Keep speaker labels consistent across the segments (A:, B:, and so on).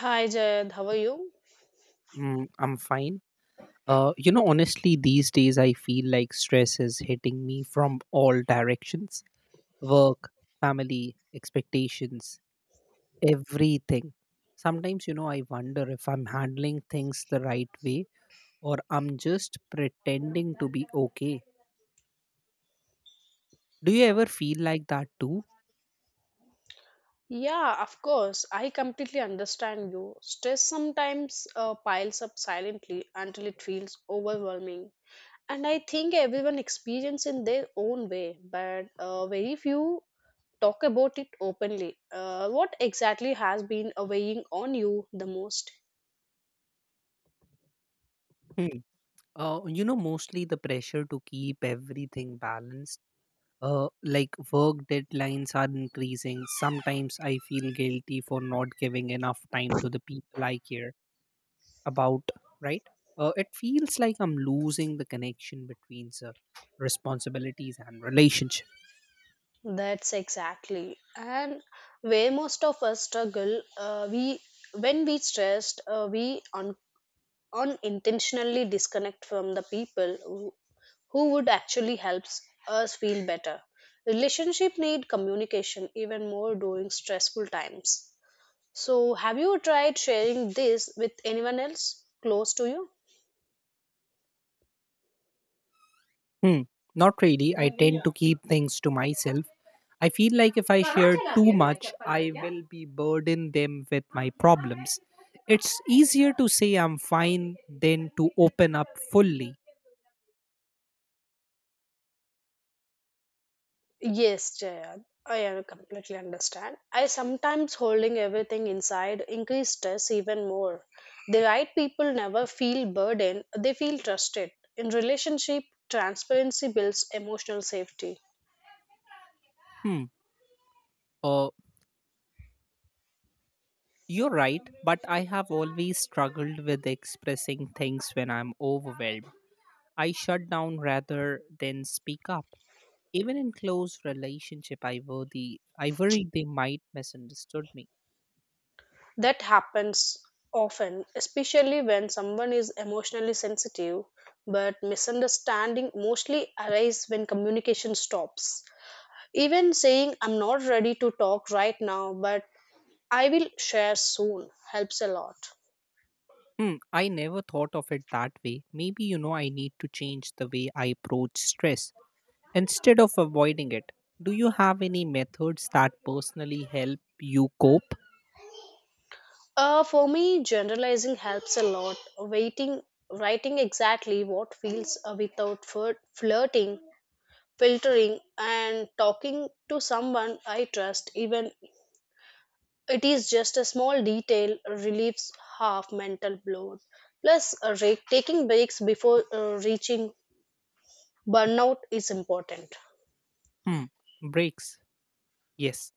A: Hi Jayad, how are you?
B: Mm, I'm fine. Honestly, these days I feel like stress is hitting me from all directions: work, family, expectations, everything. Sometimes, I wonder if I'm handling things the right way, or I'm just pretending to be okay. Do you ever feel like that too?
A: Yeah, of course. I completely understand you. Stress sometimes piles up silently until it feels overwhelming. And I think everyone experiences in their own way, but very few talk about it openly. What exactly has been weighing on you the most?
B: Hmm. Mostly the pressure to keep everything balanced, like work deadlines are increasing. Sometimes I feel guilty for not giving enough time to the people I care about, right? It feels like I'm losing the connection between responsibilities and relationship.
A: That's exactly. And where most of us struggle, we when we stressed, we unconsciously unintentionally disconnect from the people who would actually helps us feel better. Relationship need communication even more during stressful times. So have you tried sharing this with anyone else close to you?
B: Hmm. Not really, I tend to keep things to myself. I feel like if I share too much I will be burden them with my problems. It's easier to say I'm fine than to open up fully.
A: Yes, Jaya, I completely understand. I sometimes holding everything inside increase stress even more. The right people never feel burdened, they feel trusted. In relationship, transparency builds emotional safety.
B: Hmm. Uh, You're right, but I have always struggled with expressing things when I'm overwhelmed. I shut down rather than speak up. Even in close relationship, I worry they might misunderstood me.
A: That happens often, especially when someone is emotionally sensitive, but misunderstanding mostly arise when communication stops. Even saying, I'm not ready to talk right now, but I will share soon, helps a lot.
B: Hmm, I never thought of it that way. Maybe I need to change the way I approach stress instead of avoiding it. Do you have any methods that personally help you cope?
A: For me, generalizing helps a lot. Waiting, writing exactly what feels without flirt, filtering, and talking to someone I trust, even it is just a small detail relieves half mental load. Plus, taking breaks before reaching burnout is important.
B: Hmm, breaks. Yes.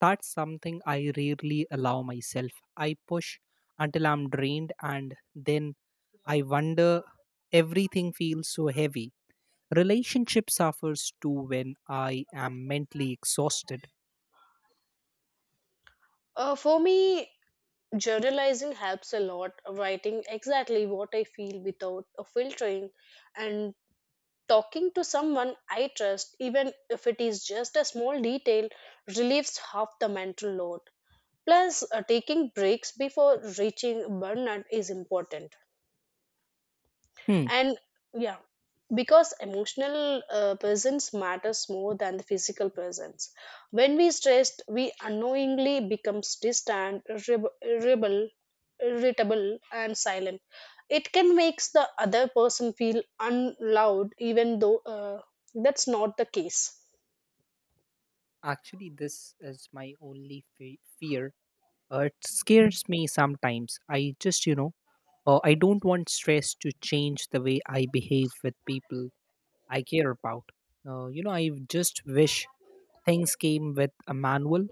B: That's something I rarely allow myself. I push until I'm drained, and then I wonder, everything feels so heavy. Relationship suffers too when I am mentally exhausted.
A: For me, journalizing helps a lot. Writing exactly what I feel without filtering and talking to someone I trust, even if it is just a small detail, relieves half the mental load. Plus, taking breaks before reaching burnout is important.
B: Hmm.
A: And yeah, because emotional presence matters more than the physical presence. When we stressed we unknowingly becomes distant, irritable, and silent. It can makes the other person feel unloved even though that's not the case.
B: Actually, this is my only fear. It scares me sometimes. I just, you know, I don't want stress to change the way I behave with people I care about. I just wish things came with a manual.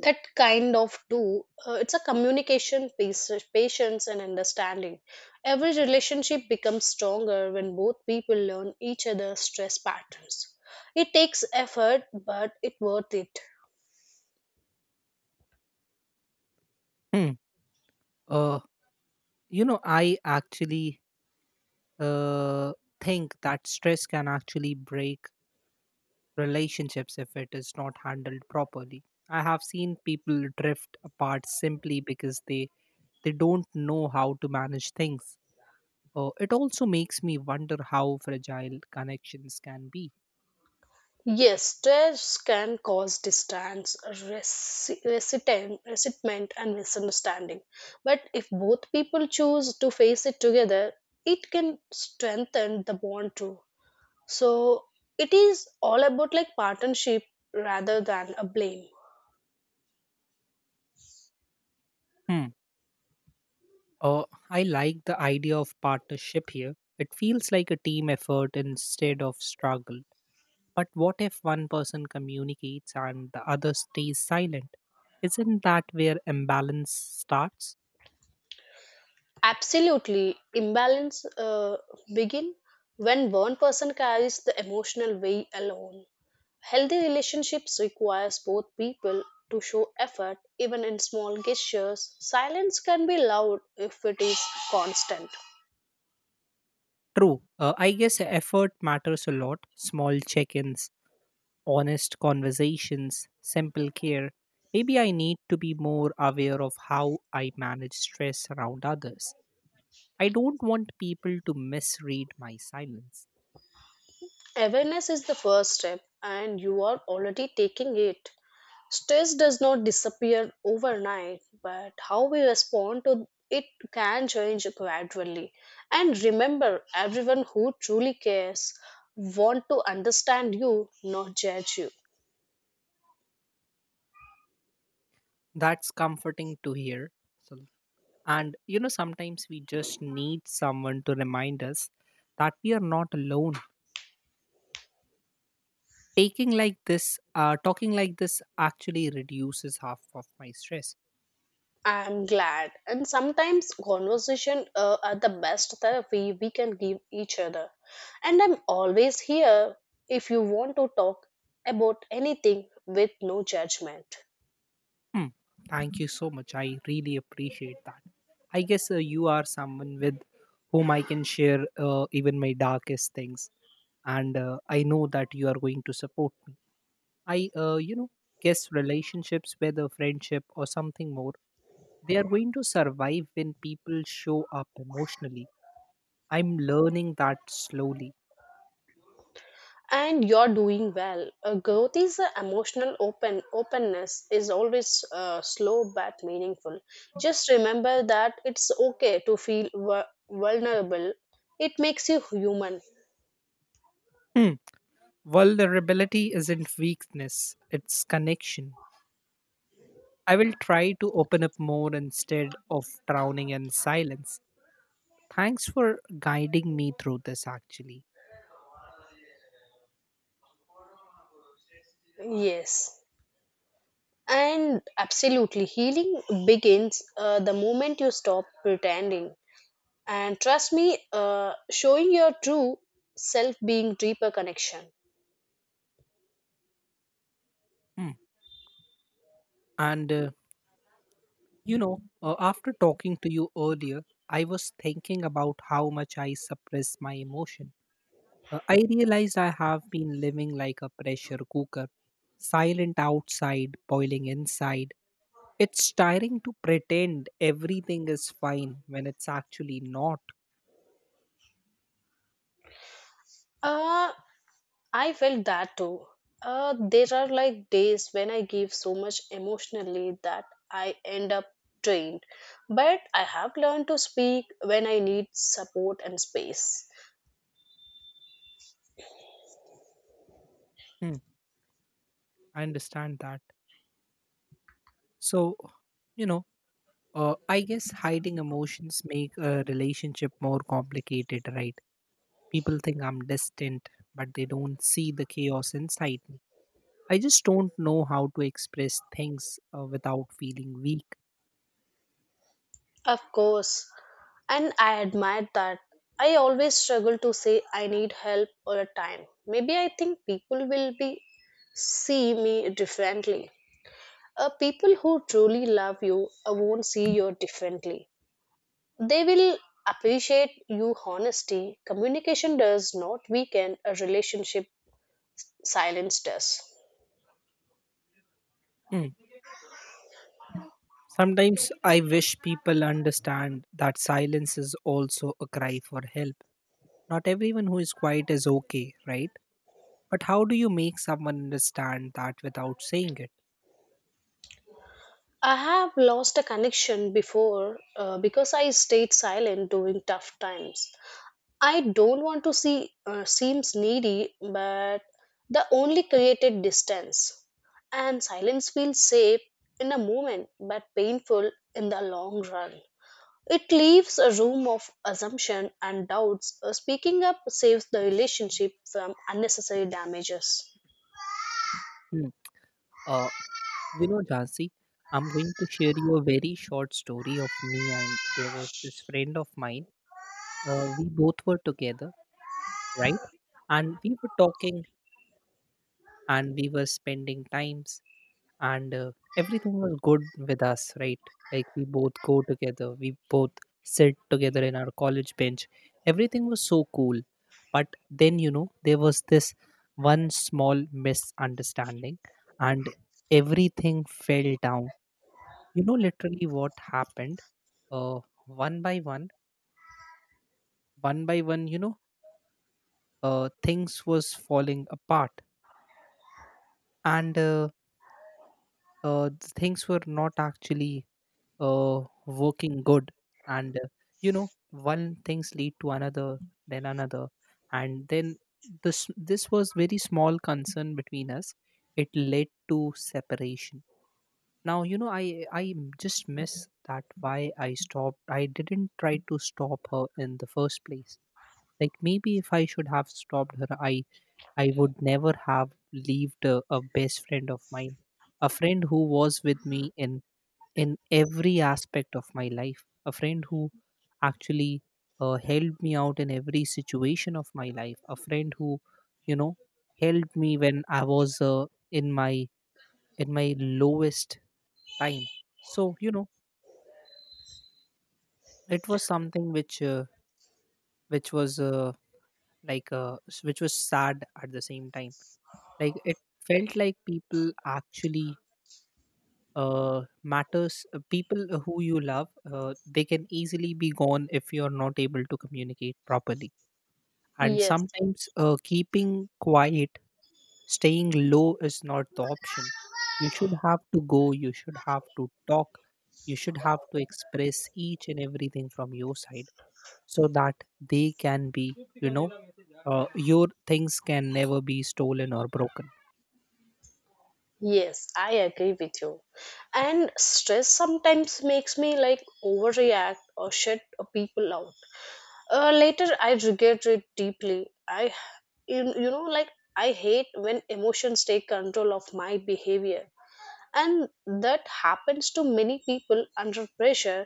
A: That kind of do, it's a communication piece, patience and understanding. Every relationship becomes stronger when both people learn each other's stress patterns. It takes effort but it worth it.
B: Hmm. Uh, I actually uh, think that stress can actually break relationships if it is not handled properly. I have seen people drift apart simply because they don't know how to manage things. It also makes me wonder how fragile connections can be.
A: Yes, stress can cause distance, resentment and misunderstanding, but if both people choose to face it together, it can strengthen the bond too. So it is all about like partnership rather than a blame.
B: Hmm. Uh, I like the idea of partnership here. It feels like a team effort instead of struggle. But what if one person communicates and the other stays silent? Isn't that where imbalance starts?
A: Absolutely, imbalance begin when one person carries the emotional weight alone. Healthy relationships requires both people to show effort even in small gestures. Silence can be loud if it is constant.
B: True. I guess effort matters a lot. Small check ins, honest conversations, simple care. Maybe I need to be more aware of how I manage stress around others. I don't want people to misread my silence.
A: Awareness is the first step and you are already taking it. Stress does not disappear overnight, but how we respond to it can change gradually. And remember, everyone who truly cares want to understand you, not judge you.
B: That's comforting to hear. So, sometimes we just need someone to remind us that we are not alone. Taking like this, talking like this actually reduces half of my stress.
A: I am glad. And sometimes conversation are the best therapy we can give each other. And I'm always here if you want to talk about anything with no judgment.
B: Hmm. Thank you so much. I really appreciate that. I guess you are someone with whom I can share even my darkest things, and I know that you are going to support me. I guess relationships, whether friendship or something more, they are going to survive when people show up emotionally. I'm learning that slowly.
A: And you're doing well. Growth is a emotional openness is always slow but meaningful. Just remember that it's okay to feel vulnerable. It makes you human.
B: Hmm. Vulnerability isn't weakness, it's connection. I will try to open up more instead of drowning in silence. Thanks for guiding me through this, actually.
A: Yes, and absolutely healing begins the moment you stop pretending. And trust me, showing your true self being deeper connection.
B: Hmm. And, uh, After talking to you earlier, I was thinking about how much I suppress my emotion. I realized I have been living like a pressure cooker, silent outside, boiling inside. It's tiring to pretend everything is fine when it's actually not.
A: uh, I felt that too. There are like days when I give so much emotionally that I end up drained. But I have learned to speak when I need support and space.
B: Hmm, I understand that. So, you know, I guess hiding emotions make a relationship more complicated, right? People think I'm distant, but they don't see the chaos inside me. I just don't know how to express things without feeling weak.
A: Of course, and I admire that. I always struggle to say I need help or a time. Maybe I think people will be see me differently. People who truly love you won't see you differently. They will appreciate you honesty. Communication does not weaken a relationship, silence does.
B: Sometimes I wish people understand that silence is also a cry for help. Not everyone who is quiet is okay, right? But how do you make someone understand that without saying it?
A: I have lost a connection before because I stayed silent during tough times. I don't want to seems needy, but the only created distance. And silence feels safe in a moment but painful in the long run. It leaves a room of assumption and doubts. Speaking up saves the relationship from unnecessary damages.
B: Hmm. Uh, Jansi, I'm going to share you a very short story of me, and there was this friend of mine. We both were together, right? And we were talking, and we were spending times, and everything was good with us, right? Like, we both go together, we both sit together in our college bench. Everything was so cool. But then, there was this one small misunderstanding, and everything fell down. You know, literally what happened, uh, one by one, one by one, things was falling apart. And uh, uh, things were not actually working good. And one things lead to another, then another, and then this was very small concern between us, it led to separation. Now, you know, I just miss that. Why I stopped, I didn't try to stop her in the first place? Like, maybe if I should have stopped her, I would never have believed a best friend of mine, a friend who was with me in every aspect of my life, a friend who actually helped me out in every situation of my life, a friend who, you know, helped me when I was in my lowest time. So, you know, it was something which was which was sad at the same time. Like, it felt like people actually matters. People who you love, they can easily be gone if you are not able to communicate properly, and
A: Yes,
B: sometimes keeping quiet, staying low is not the option. You should have to go, you should have to talk, you should have to express each and everything from your side, so that they can be, you know, your things can never be stolen or broken.
A: yes, I agree with you. And stress sometimes makes me like overreact or shut people out. Later, I regret it deeply. I, you know, like I hate when emotions take control of my behavior. And that happens to many people under pressure.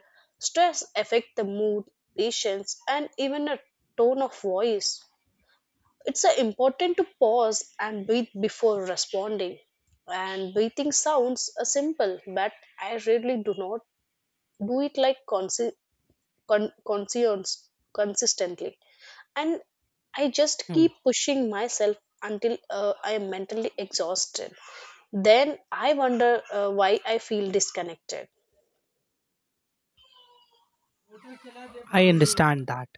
A: Stress affect the mood, patience and even a tone of voice. It's important to pause and breathe before responding. And breathing sounds simple but I really do not do it like consi- con- conscience consistently. And I just
B: Hmm,
A: keep pushing myself until I am mentally exhausted. Then I wonder why I feel disconnected.
B: I understand that.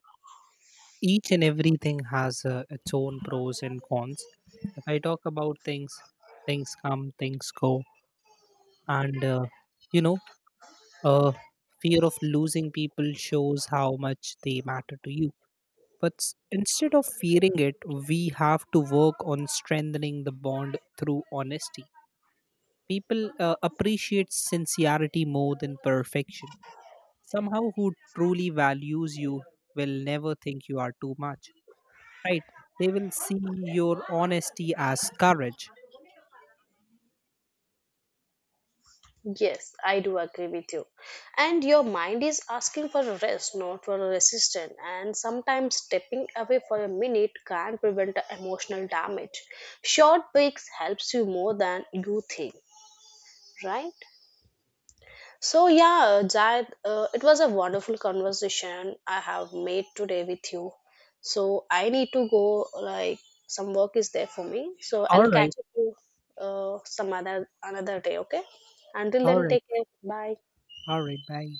B: Each and everything has its own pros and cons. If I talk about things, things come, things go, and, you know, uh, fear of losing people shows how much they matter to you. But instead of fearing it, we have to work on strengthening the bond through honesty. People appreciate sincerity more than perfection. Somehow, who truly values you will never think you are too much, right? They will see your honesty as courage.
A: Yes, I do agree with you. And your mind is asking for a rest, not for a resistance. And sometimes stepping away for a minute can prevent the emotional damage. Short breaks helps you more than you think, right? So yeah, Jayad, it was a wonderful conversation I have made today with you. So I need to go. Like some work is there for me. So
B: All
A: I'll
B: right,
A: catch you some other another day. Okay. Until
B: all
A: then,
B: right,
A: take care. Bye.
B: all right. Bye.